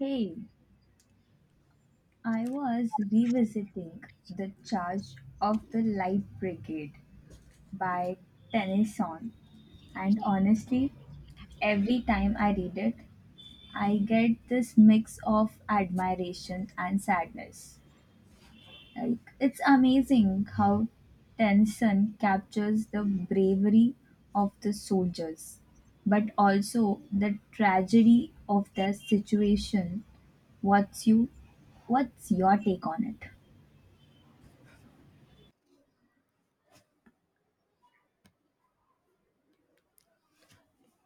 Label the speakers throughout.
Speaker 1: Hey, I was revisiting The Charge of the Light Brigade by Tennyson, and honestly, every time I read it, I get this mix of admiration and sadness. Like it's amazing how Tennyson captures the bravery of the soldiers, but also the tragedy of their situation. What's you what's your take on it?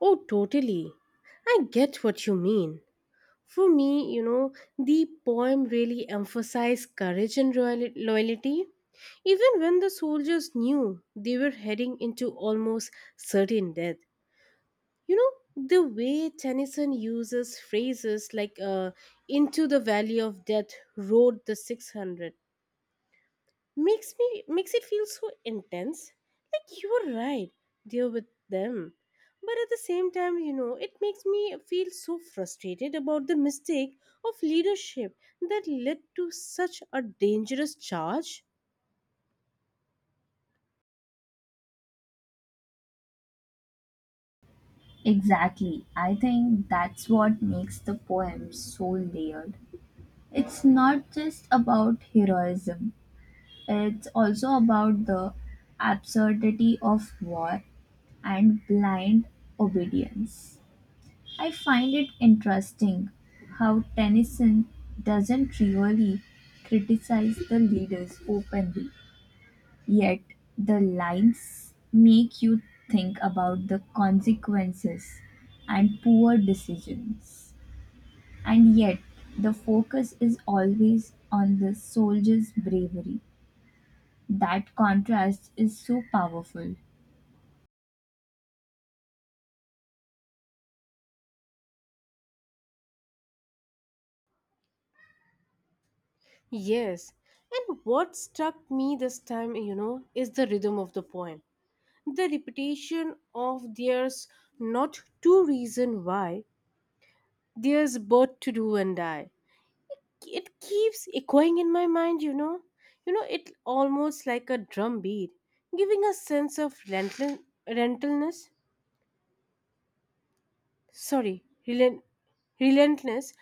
Speaker 2: Oh, totally. I get what you mean. For me, you know, the poem really emphasized courage and loyalty. Even when the soldiers knew they were heading into almost certain death. You know, the way Tennyson uses phrases like into the valley of death rode the 600 makes it feel so intense, like you're right deal with them. But at the same time, you know, it makes me feel so frustrated about the mistake of leadership that led to such a dangerous charge.
Speaker 1: Exactly. I think that's what makes the poem so layered. It's not just about heroism. It's also about the absurdity of war and blind obedience. I find it interesting how Tennyson doesn't really criticize the leaders openly, yet the lines make you think about the consequences and poor decisions. And yet, the focus is always on the soldier's bravery. That contrast is so powerful.
Speaker 2: Yes, and what struck me this time, you know, is the rhythm of the poem, the repetition of there's not two reason why, there's both to do and die. It keeps echoing in my mind, you know. You know, it almost like a drum beat, giving a sense of relentless relentlessness sorry relent, relentless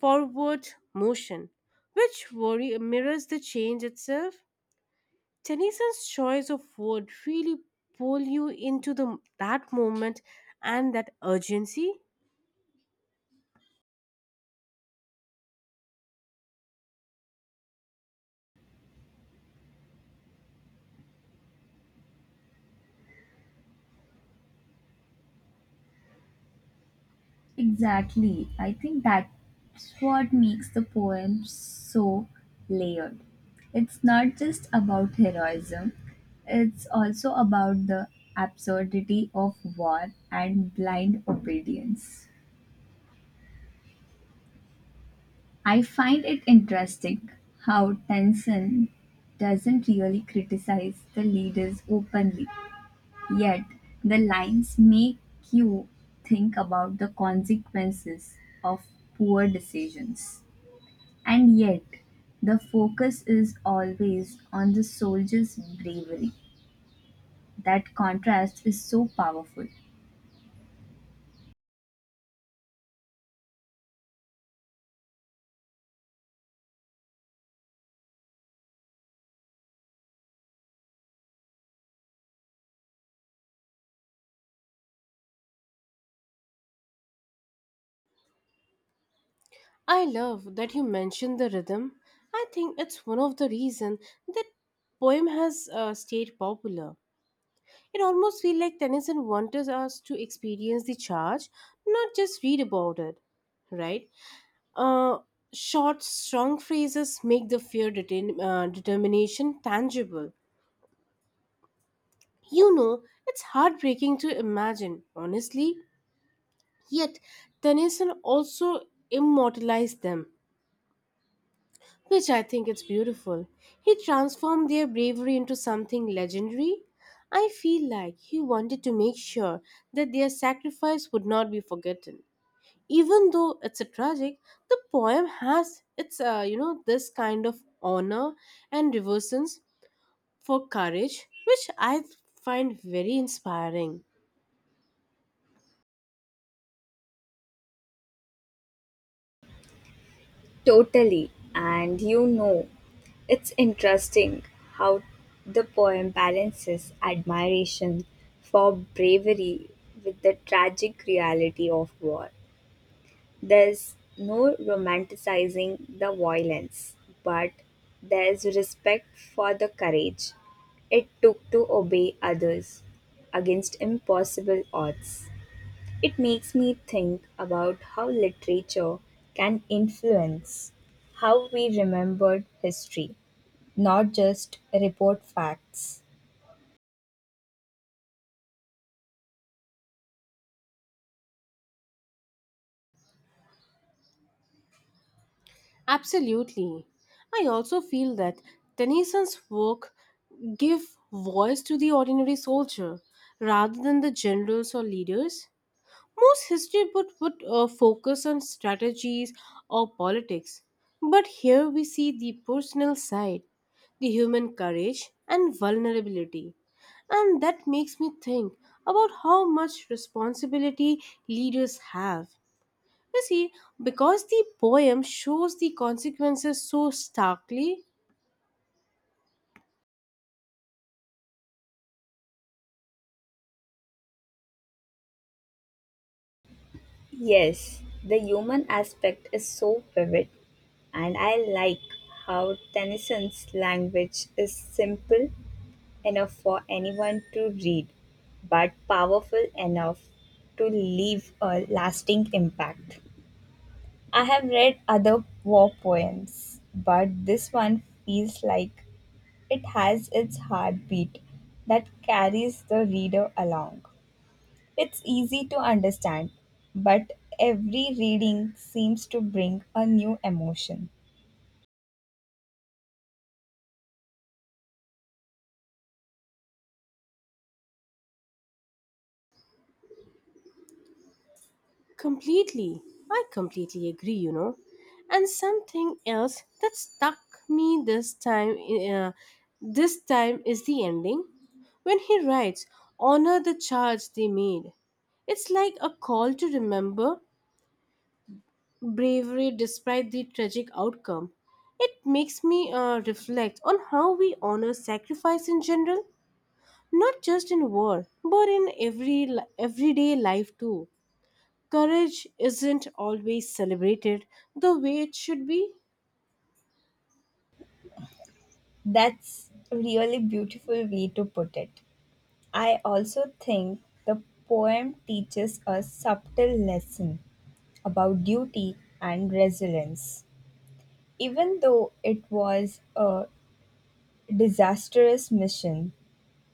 Speaker 2: forward motion, which worry mirrors the change itself. Tennyson's choice of word really pull you into the that moment and that urgency.
Speaker 1: Exactly. I think that's what makes the poem so layered. It's not just about heroism, it's also about the absurdity of war and blind obedience. I find it interesting how Tennyson doesn't really criticize the leaders openly, yet, the lines make you think about the consequences of poor decisions. And yet, the focus is always on the soldier's bravery. That contrast is so powerful.
Speaker 2: I love that you mentioned the rhythm. I think it's one of the reasons that poem has stayed popular. It almost feels like Tennyson wanted us to experience the charge, not just read about it, right? Uh, Short, strong phrases make the fear detain determination tangible. You know, it's heartbreaking to imagine, honestly. Yet, Tennyson also immortalized them, which I think it's beautiful. He transformed their bravery into something legendary. I feel like he wanted to make sure that their sacrifice would not be forgotten. Even though it's a tragic, the poem has its you know, this kind of honor and reverence for courage, which I find very inspiring.
Speaker 1: Totally. And you know, it's interesting how the poem balances admiration for bravery with the tragic reality of war. There's no romanticizing the violence, but there's respect for the courage it took to obey others against impossible odds. It makes me think about how literature can influence how we remember history, not just report facts.
Speaker 2: Absolutely. I also feel that Tennyson's work give voice to the ordinary soldier rather than the generals or leaders. Most history book would focus on strategies or politics, but here we see the personal side, the human courage and vulnerability. And that makes me think about how much responsibility leaders have. You see, because the poem shows the consequences so starkly,
Speaker 1: Yes, the human aspect is so vivid, and I like how Tennyson's language is simple enough for anyone to read, but powerful enough to leave a lasting impact. I have read other war poems, but this one feels like it has its heartbeat that carries the reader along. It's easy to understand, but every reading seems to bring a new emotion.
Speaker 2: completely. I completely agree, you know. And something else that stuck me uh, this time is the ending. When he writes, honor the charge they made. It's like a call to remember bravery despite the tragic outcome. It makes me reflect on how we honor sacrifice in general, not just in war but in everyday life too. Courage isn't always celebrated the way it should be.
Speaker 1: That's a really beautiful way to put it. I also think the poem teaches a subtle lesson about duty and resilience. Even though it was a disastrous mission,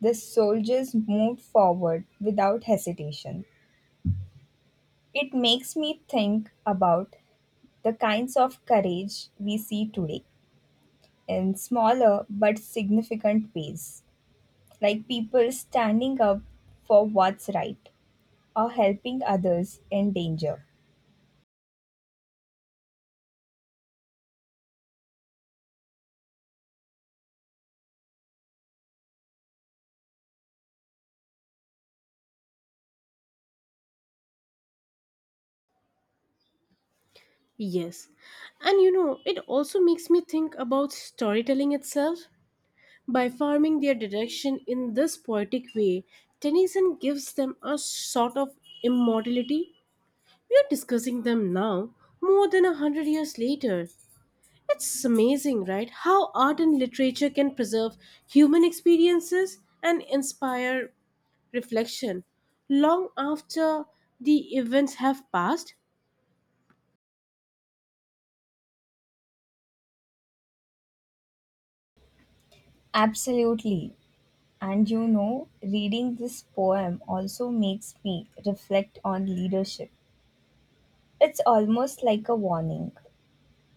Speaker 1: the soldiers moved forward without hesitation. It makes me think about the kinds of courage we see today in smaller but significant ways, like people standing up for what's right or helping others in danger.
Speaker 2: Yes, and you know, it also makes me think about storytelling itself. By farming their direction in this poetic way, Tennyson gives them a sort of immortality. We are discussing them now more than 100 years later. It's amazing, right? How art and literature can preserve human experiences and inspire reflection long after the events have passed.
Speaker 1: Absolutely. And you know, reading this poem also makes me reflect on leadership. It's almost like a warning.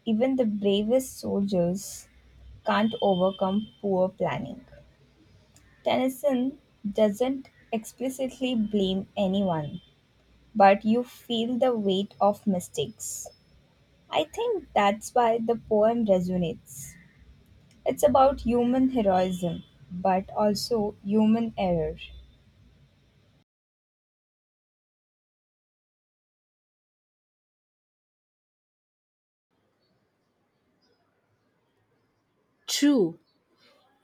Speaker 1: Even the bravest soldiers can't overcome poor planning. Tennyson doesn't explicitly blame anyone, but you feel the weight of mistakes. I think that's why the poem resonates. It's about human heroism, but also human error.
Speaker 2: True.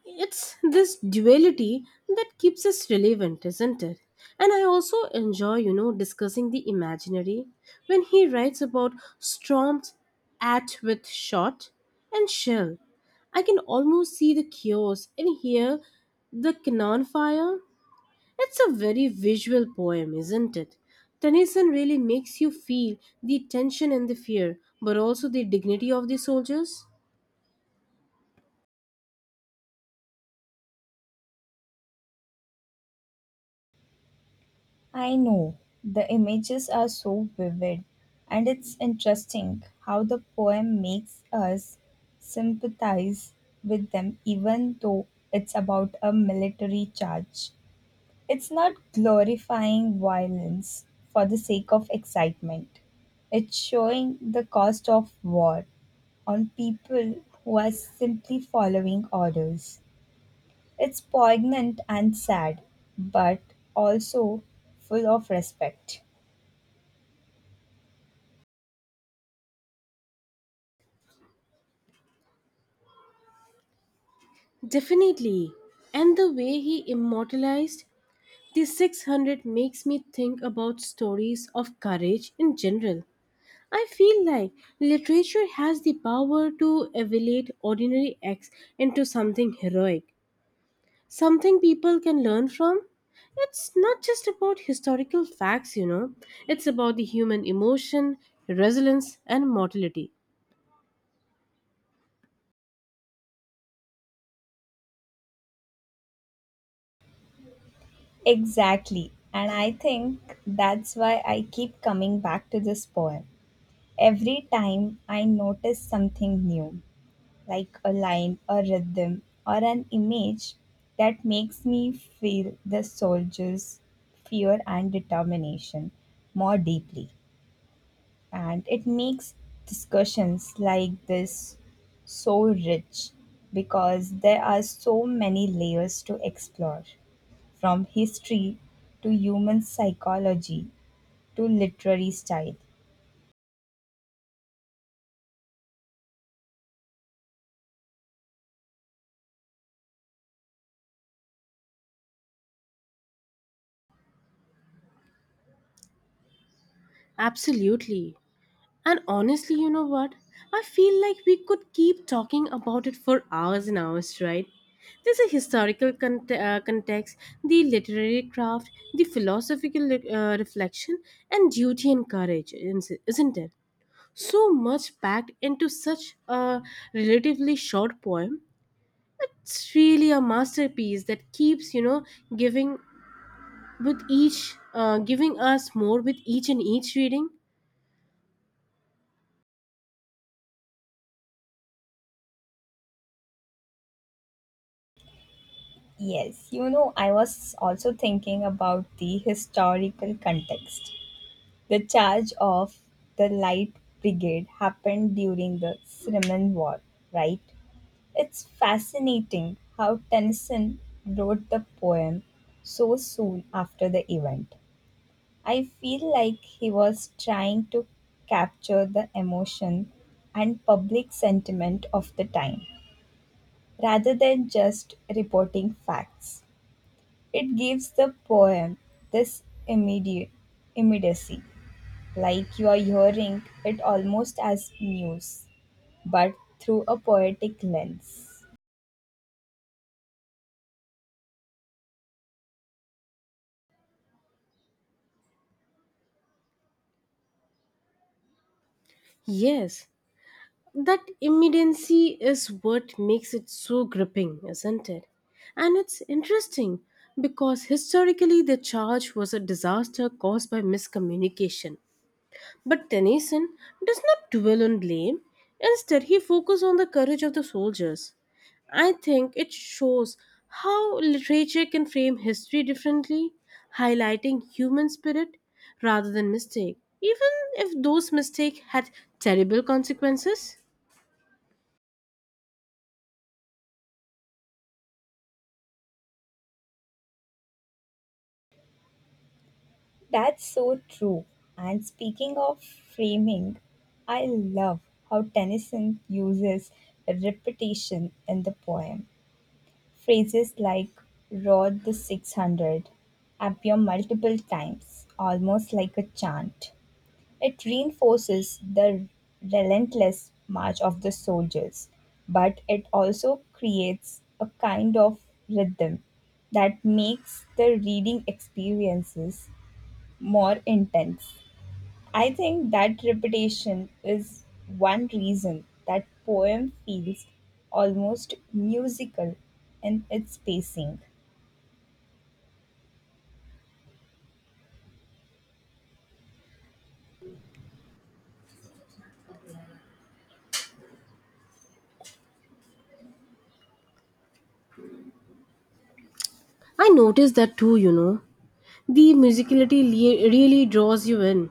Speaker 2: It's this duality that keeps us relevant, isn't it? And I also enjoy, you know, discussing the imaginary when he writes about storms at with shot and shell. I can almost see the chaos and hear the cannon fire. It's a very visual poem, isn't it? Tennyson really makes you feel the tension and the fear, but also the dignity of the soldiers.
Speaker 1: I know, the images are so vivid, and it's interesting how the poem makes us sympathize with them, even though it's about a military charge. It's not glorifying violence for the sake of excitement. It's showing the cost of war on people who are simply following orders. It's poignant and sad, but also full of respect.
Speaker 2: Definitely. And the way he immortalized the 600 makes me think about stories of courage in general. I feel like literature has the power to elevate ordinary acts into something heroic, something people can learn from? It's not just about historical facts, you know, it's about the human emotion, resilience, and mortality.
Speaker 1: Exactly. And I think that's why I keep coming back to this poem. Every time I notice something new, like a line, a rhythm, or an image that makes me feel the soldier's fear and determination more deeply. And it makes discussions like this so rich because there are so many layers to explore, from history to human psychology to literary style.
Speaker 2: Absolutely. And honestly, you know what? I feel like we could keep talking about it for hours and hours, right? There's a context, the literary craft, the reflection, and duty and courage, isn't it? So much packed into such a relatively short poem. It's really a masterpiece that keeps, you know, giving giving us more with each and each reading.
Speaker 1: Yes, you know, I was also thinking about the historical context. The charge of the Light Brigade happened during the Crimean War, right? It's fascinating how Tennyson wrote the poem so soon after the event. I feel like he was trying to capture the emotion and public sentiment of the time rather than just reporting facts. It gives the poem this immediate immediacy, like you are hearing it almost as news, but through a poetic lens.
Speaker 2: Yes, that immediacy is what makes it so gripping, isn't it? And it's interesting because historically the charge was a disaster caused by miscommunication. But Tennyson does not dwell on blame. Instead, he focuses on the courage of the soldiers. I think it shows how literature can frame history differently, highlighting human spirit rather than mistake, even if those mistakes had terrible consequences.
Speaker 1: That's so true. And speaking of framing, I love how Tennyson uses repetition in the poem. Phrases like "Rod the 600" appear multiple times, almost like a chant. It reinforces the relentless march of the soldiers, but it also creates a kind of rhythm that makes the reading experiences more intense. I think that repetition is one reason that poem feels almost musical in its pacing.
Speaker 2: I noticed that too, you know. The really draws you in, and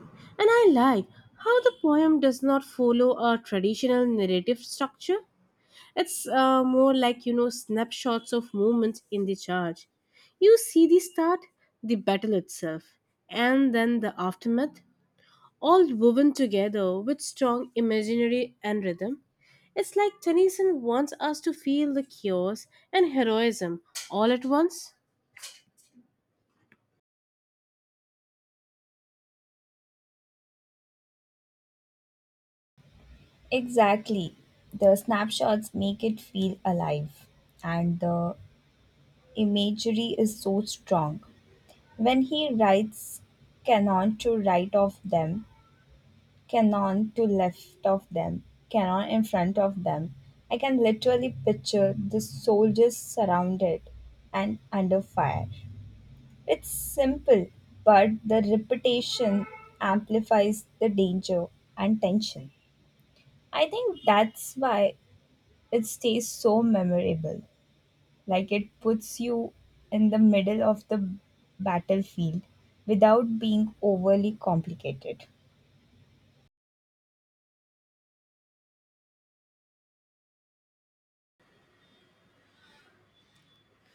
Speaker 2: I like how the poem does not follow a traditional narrative structure. It's more like, you know, snapshots of moments in the charge. You see the start, the battle itself, and then the aftermath, all woven together with strong imaginary and rhythm. It's like Tennyson wants us to feel the chaos and heroism all at once.
Speaker 1: Exactly. The snapshots make it feel alive, and the imagery is so strong. When he writes canon to right of them, canon to left of them, canon in front of them, I can literally picture the soldiers surrounded and under fire. It's simple, but the repetition amplifies the danger and tension. I think that's why it stays so memorable. Like it puts you in the middle of the battlefield without being overly complicated.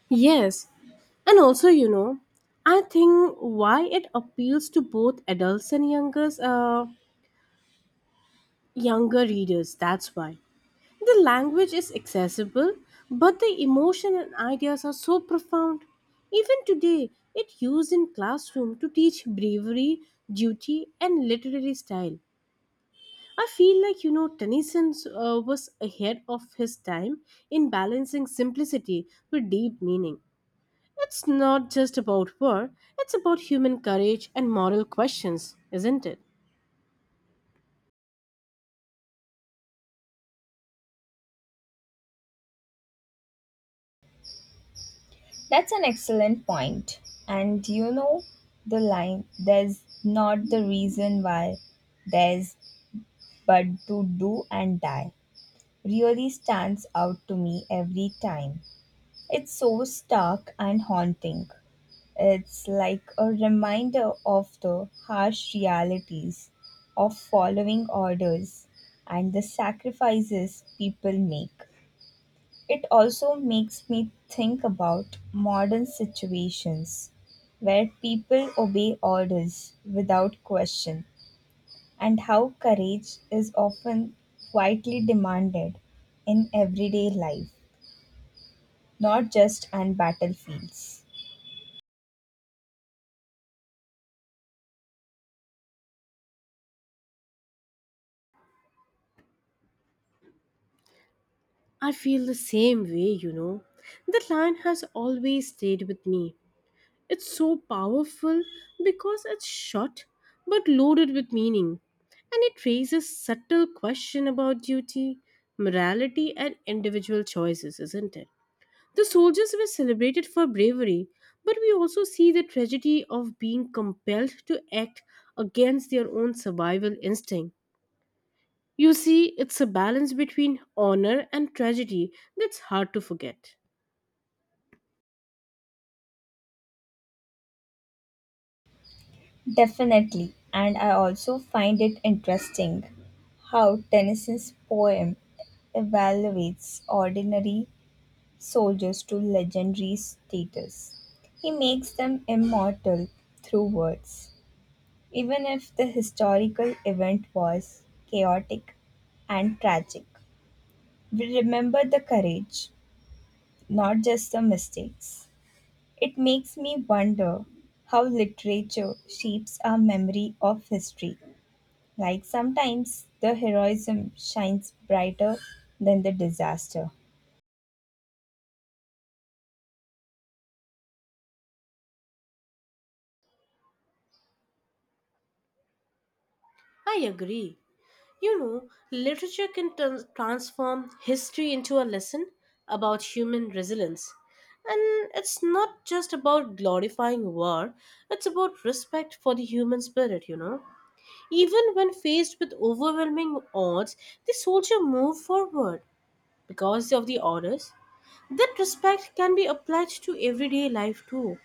Speaker 2: Yes, and also, you know, I think why it appeals to both adults and younger readers. That's why the language is accessible, but the emotion and ideas are so profound. Even today, it used in classroom to teach bravery, duty, and literary style. I feel like, you know, Tennyson was ahead of his time in balancing simplicity with deep meaning. It's not just about war; it's about human courage and moral questions, isn't it?
Speaker 1: That's an excellent point. And you know, the line there's not the reason why there's but to do and die really stands out to me every time. It's so stark and haunting. It's like a reminder of the harsh realities of following orders and the sacrifices people make. It also makes me think about modern situations where people obey orders without question and how courage is often quietly demanded in everyday life, not just on battlefields.
Speaker 2: I feel the same way, you know. That line has always stayed with me. It's so powerful because it's short but loaded with meaning, and it raises subtle question about duty, morality, and individual choices, isn't it? The soldiers were celebrated for bravery, but we also see the tragedy of being compelled to act against their own survival instinct. You see, it's a balance between honor and tragedy that's hard to forget.
Speaker 1: Definitely, and I also find it interesting how Tennyson's poem evaluates ordinary soldiers to legendary status. He makes them immortal through words, even if the historical event was chaotic and tragic. We remember the courage, not just the mistakes. It makes me wonder how literature shapes our memory of history. Like sometimes the heroism shines brighter than the disaster.
Speaker 2: I agree. You know, literature can transform history into a lesson about human resilience. And it's not just about glorifying war, it's about respect for the human spirit, you know. Even when faced with overwhelming odds, the soldier moved forward because of the orders. That respect can be applied to everyday life too.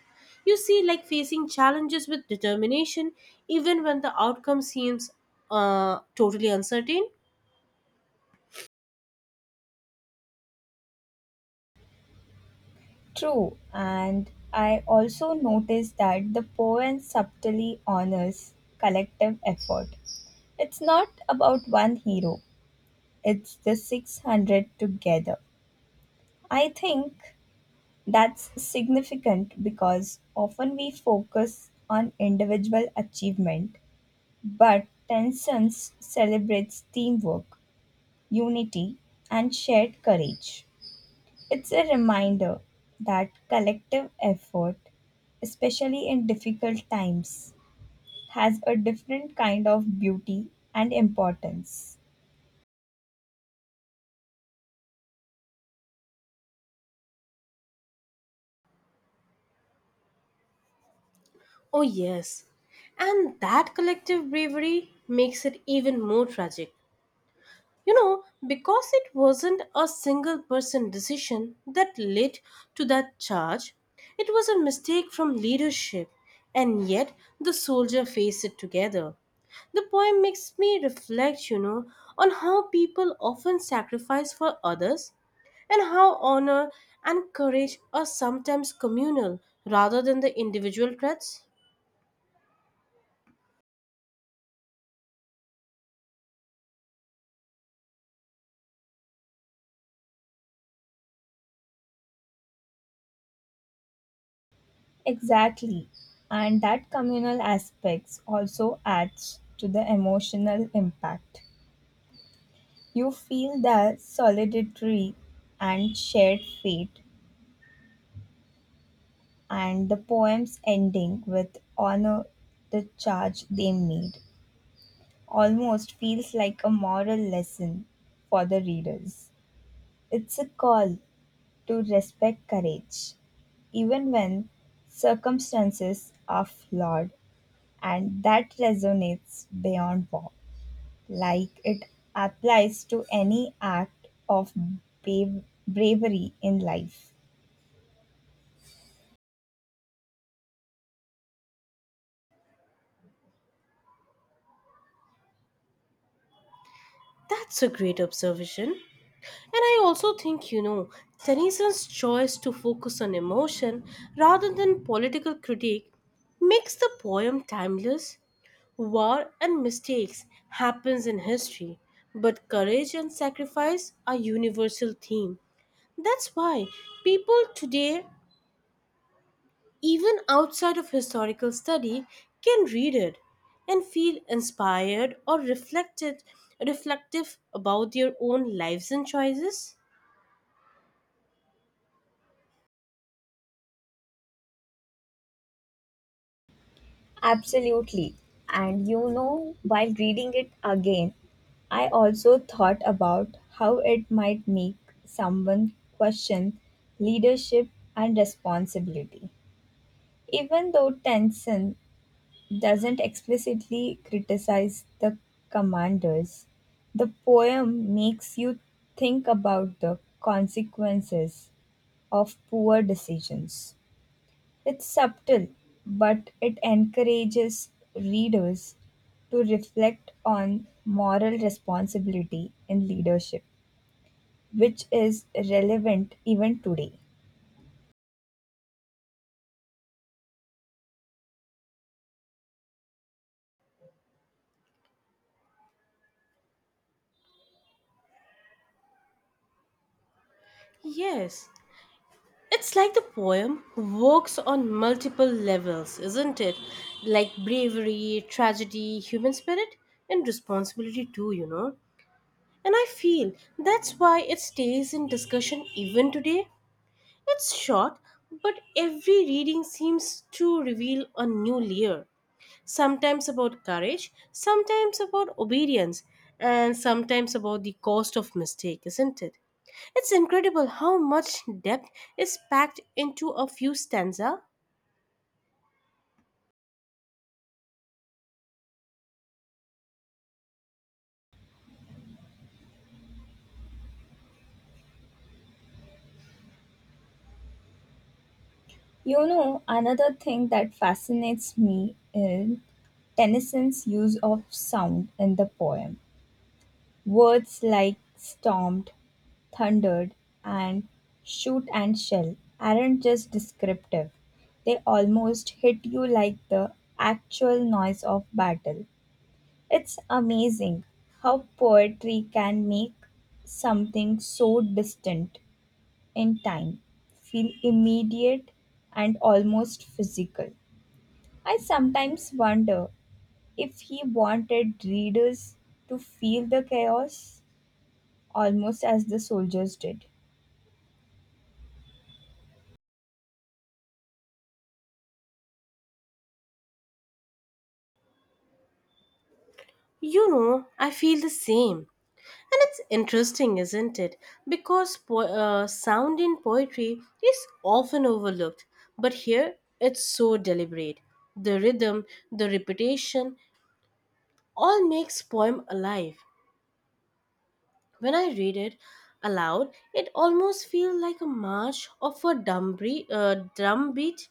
Speaker 2: You see, like facing challenges with determination, even when the outcome seems totally uncertain.
Speaker 1: True, and I also noticed that the poem subtly honors collective effort. It's not about one hero, it's the 600 together. I think that's significant because often we focus on individual achievement, but Tenson's celebrates teamwork, unity, and shared courage. It's a reminder that collective effort, especially in difficult times, has a different kind of beauty and importance.
Speaker 2: Oh, yes. And that collective bravery makes it even more tragic. You know, because it wasn't a single person decision that led to that charge, it was a mistake from leadership, and yet the soldier faced it together. The poem makes me reflect, you know, on how people often sacrifice for others and how honor and courage are sometimes communal rather than the individual threats.
Speaker 1: Exactly. And that communal aspects also adds to the emotional impact. You feel the solidarity and shared fate, and the poem's ending with honor the charge they made almost feels like a moral lesson for the readers. It's a call to respect courage, even when circumstances are flawed, and that resonates beyond war. Like it applies to any act of bravery in life.
Speaker 2: That's a great observation. And I also think, you know, Tennyson's choice to focus on emotion rather than political critique makes the poem timeless. War and mistakes happens in history, but courage and sacrifice are universal theme. That's why people today, even outside of historical study, can read it and feel inspired or reflective about their own lives and choices?
Speaker 1: Absolutely. And you know, while reading it again, I also thought about how it might make someone question leadership and responsibility. Even though Tencent doesn't explicitly criticize the commanders, the poem makes you think about the consequences of poor decisions. It's subtle, but it encourages readers to reflect on moral responsibility in leadership, which is relevant even today.
Speaker 2: Yes. It's like the poem works on multiple levels, isn't it? Like bravery, tragedy, human spirit, and responsibility too, you know? And I feel that's why it stays in discussion even today. It's short, but every reading seems to reveal a new layer. Sometimes about courage, sometimes about obedience, and sometimes about the cost of mistake, isn't it? It's incredible how much depth is packed into a few stanza.
Speaker 1: You know, another thing that fascinates me is Tennyson's use of sound in the poem. Words like stormed, thundered, and shoot and shell aren't just descriptive, they almost hit you like the actual noise of battle. It's amazing how poetry can make something so distant in time feel immediate and almost physical. I sometimes wonder if he wanted readers to feel the chaos almost as the soldiers did.
Speaker 2: You know, I feel the same. And it's interesting, isn't it? Because sound in poetry is often overlooked, but here it's so deliberate. The rhythm, the repetition, all makes poem alive. When I read it aloud, it almost feels like a march of drum beat,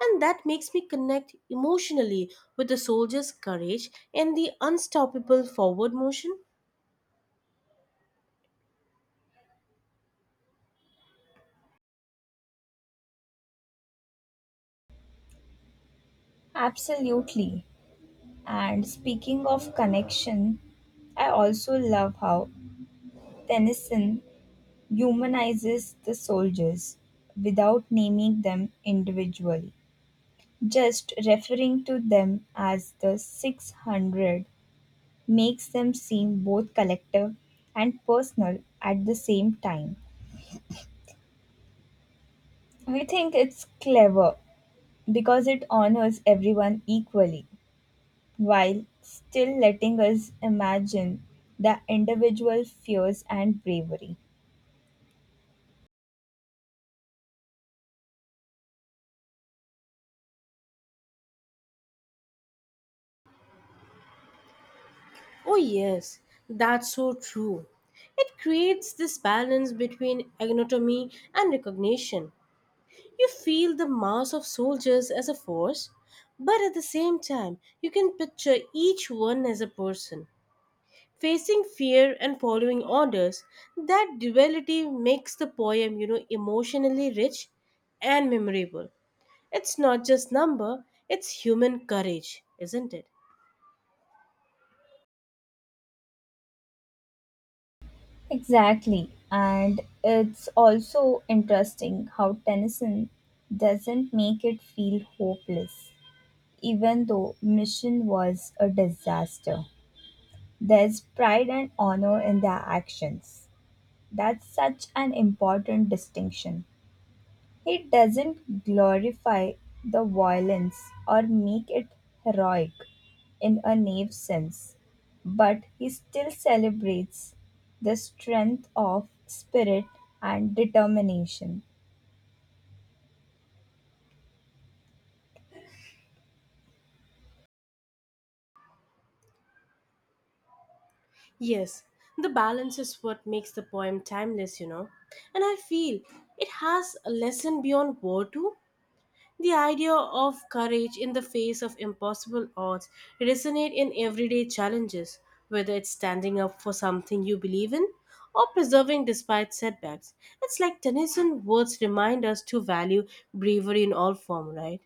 Speaker 2: and that makes me connect emotionally with the soldier's courage and the unstoppable forward motion.
Speaker 1: Absolutely. And speaking of connection, I also love how Tennyson humanizes the soldiers without naming them individually. Just referring to them as the 600 makes them seem both collective and personal at the same time. I think it's clever because it honors everyone equally while still letting us imagine the individual fears and bravery.
Speaker 2: Oh, yes, that's so true. It creates this balance between anatomy and recognition. You feel the mass of soldiers as a force, but at the same time, you can picture each one as a person, facing fear and following orders. That duality makes the poem, you know, emotionally rich and memorable. It's not just number, it's human courage, isn't it?
Speaker 1: Exactly. And it's also interesting how Tennyson doesn't make it feel hopeless, even though Mission was a disaster. There's pride and honor in their actions. That's such an important distinction. It doesn't glorify the violence or make it heroic in a naive sense, but he still celebrates the strength of spirit and determination.
Speaker 2: Yes, the balance is what makes the poem timeless, you know. And I feel it has a lesson beyond war too. The idea of courage in the face of impossible odds resonate in everyday challenges, whether it's standing up for something you believe in or persevering despite setbacks. It's like Tennyson's words remind us to value bravery in all form, right?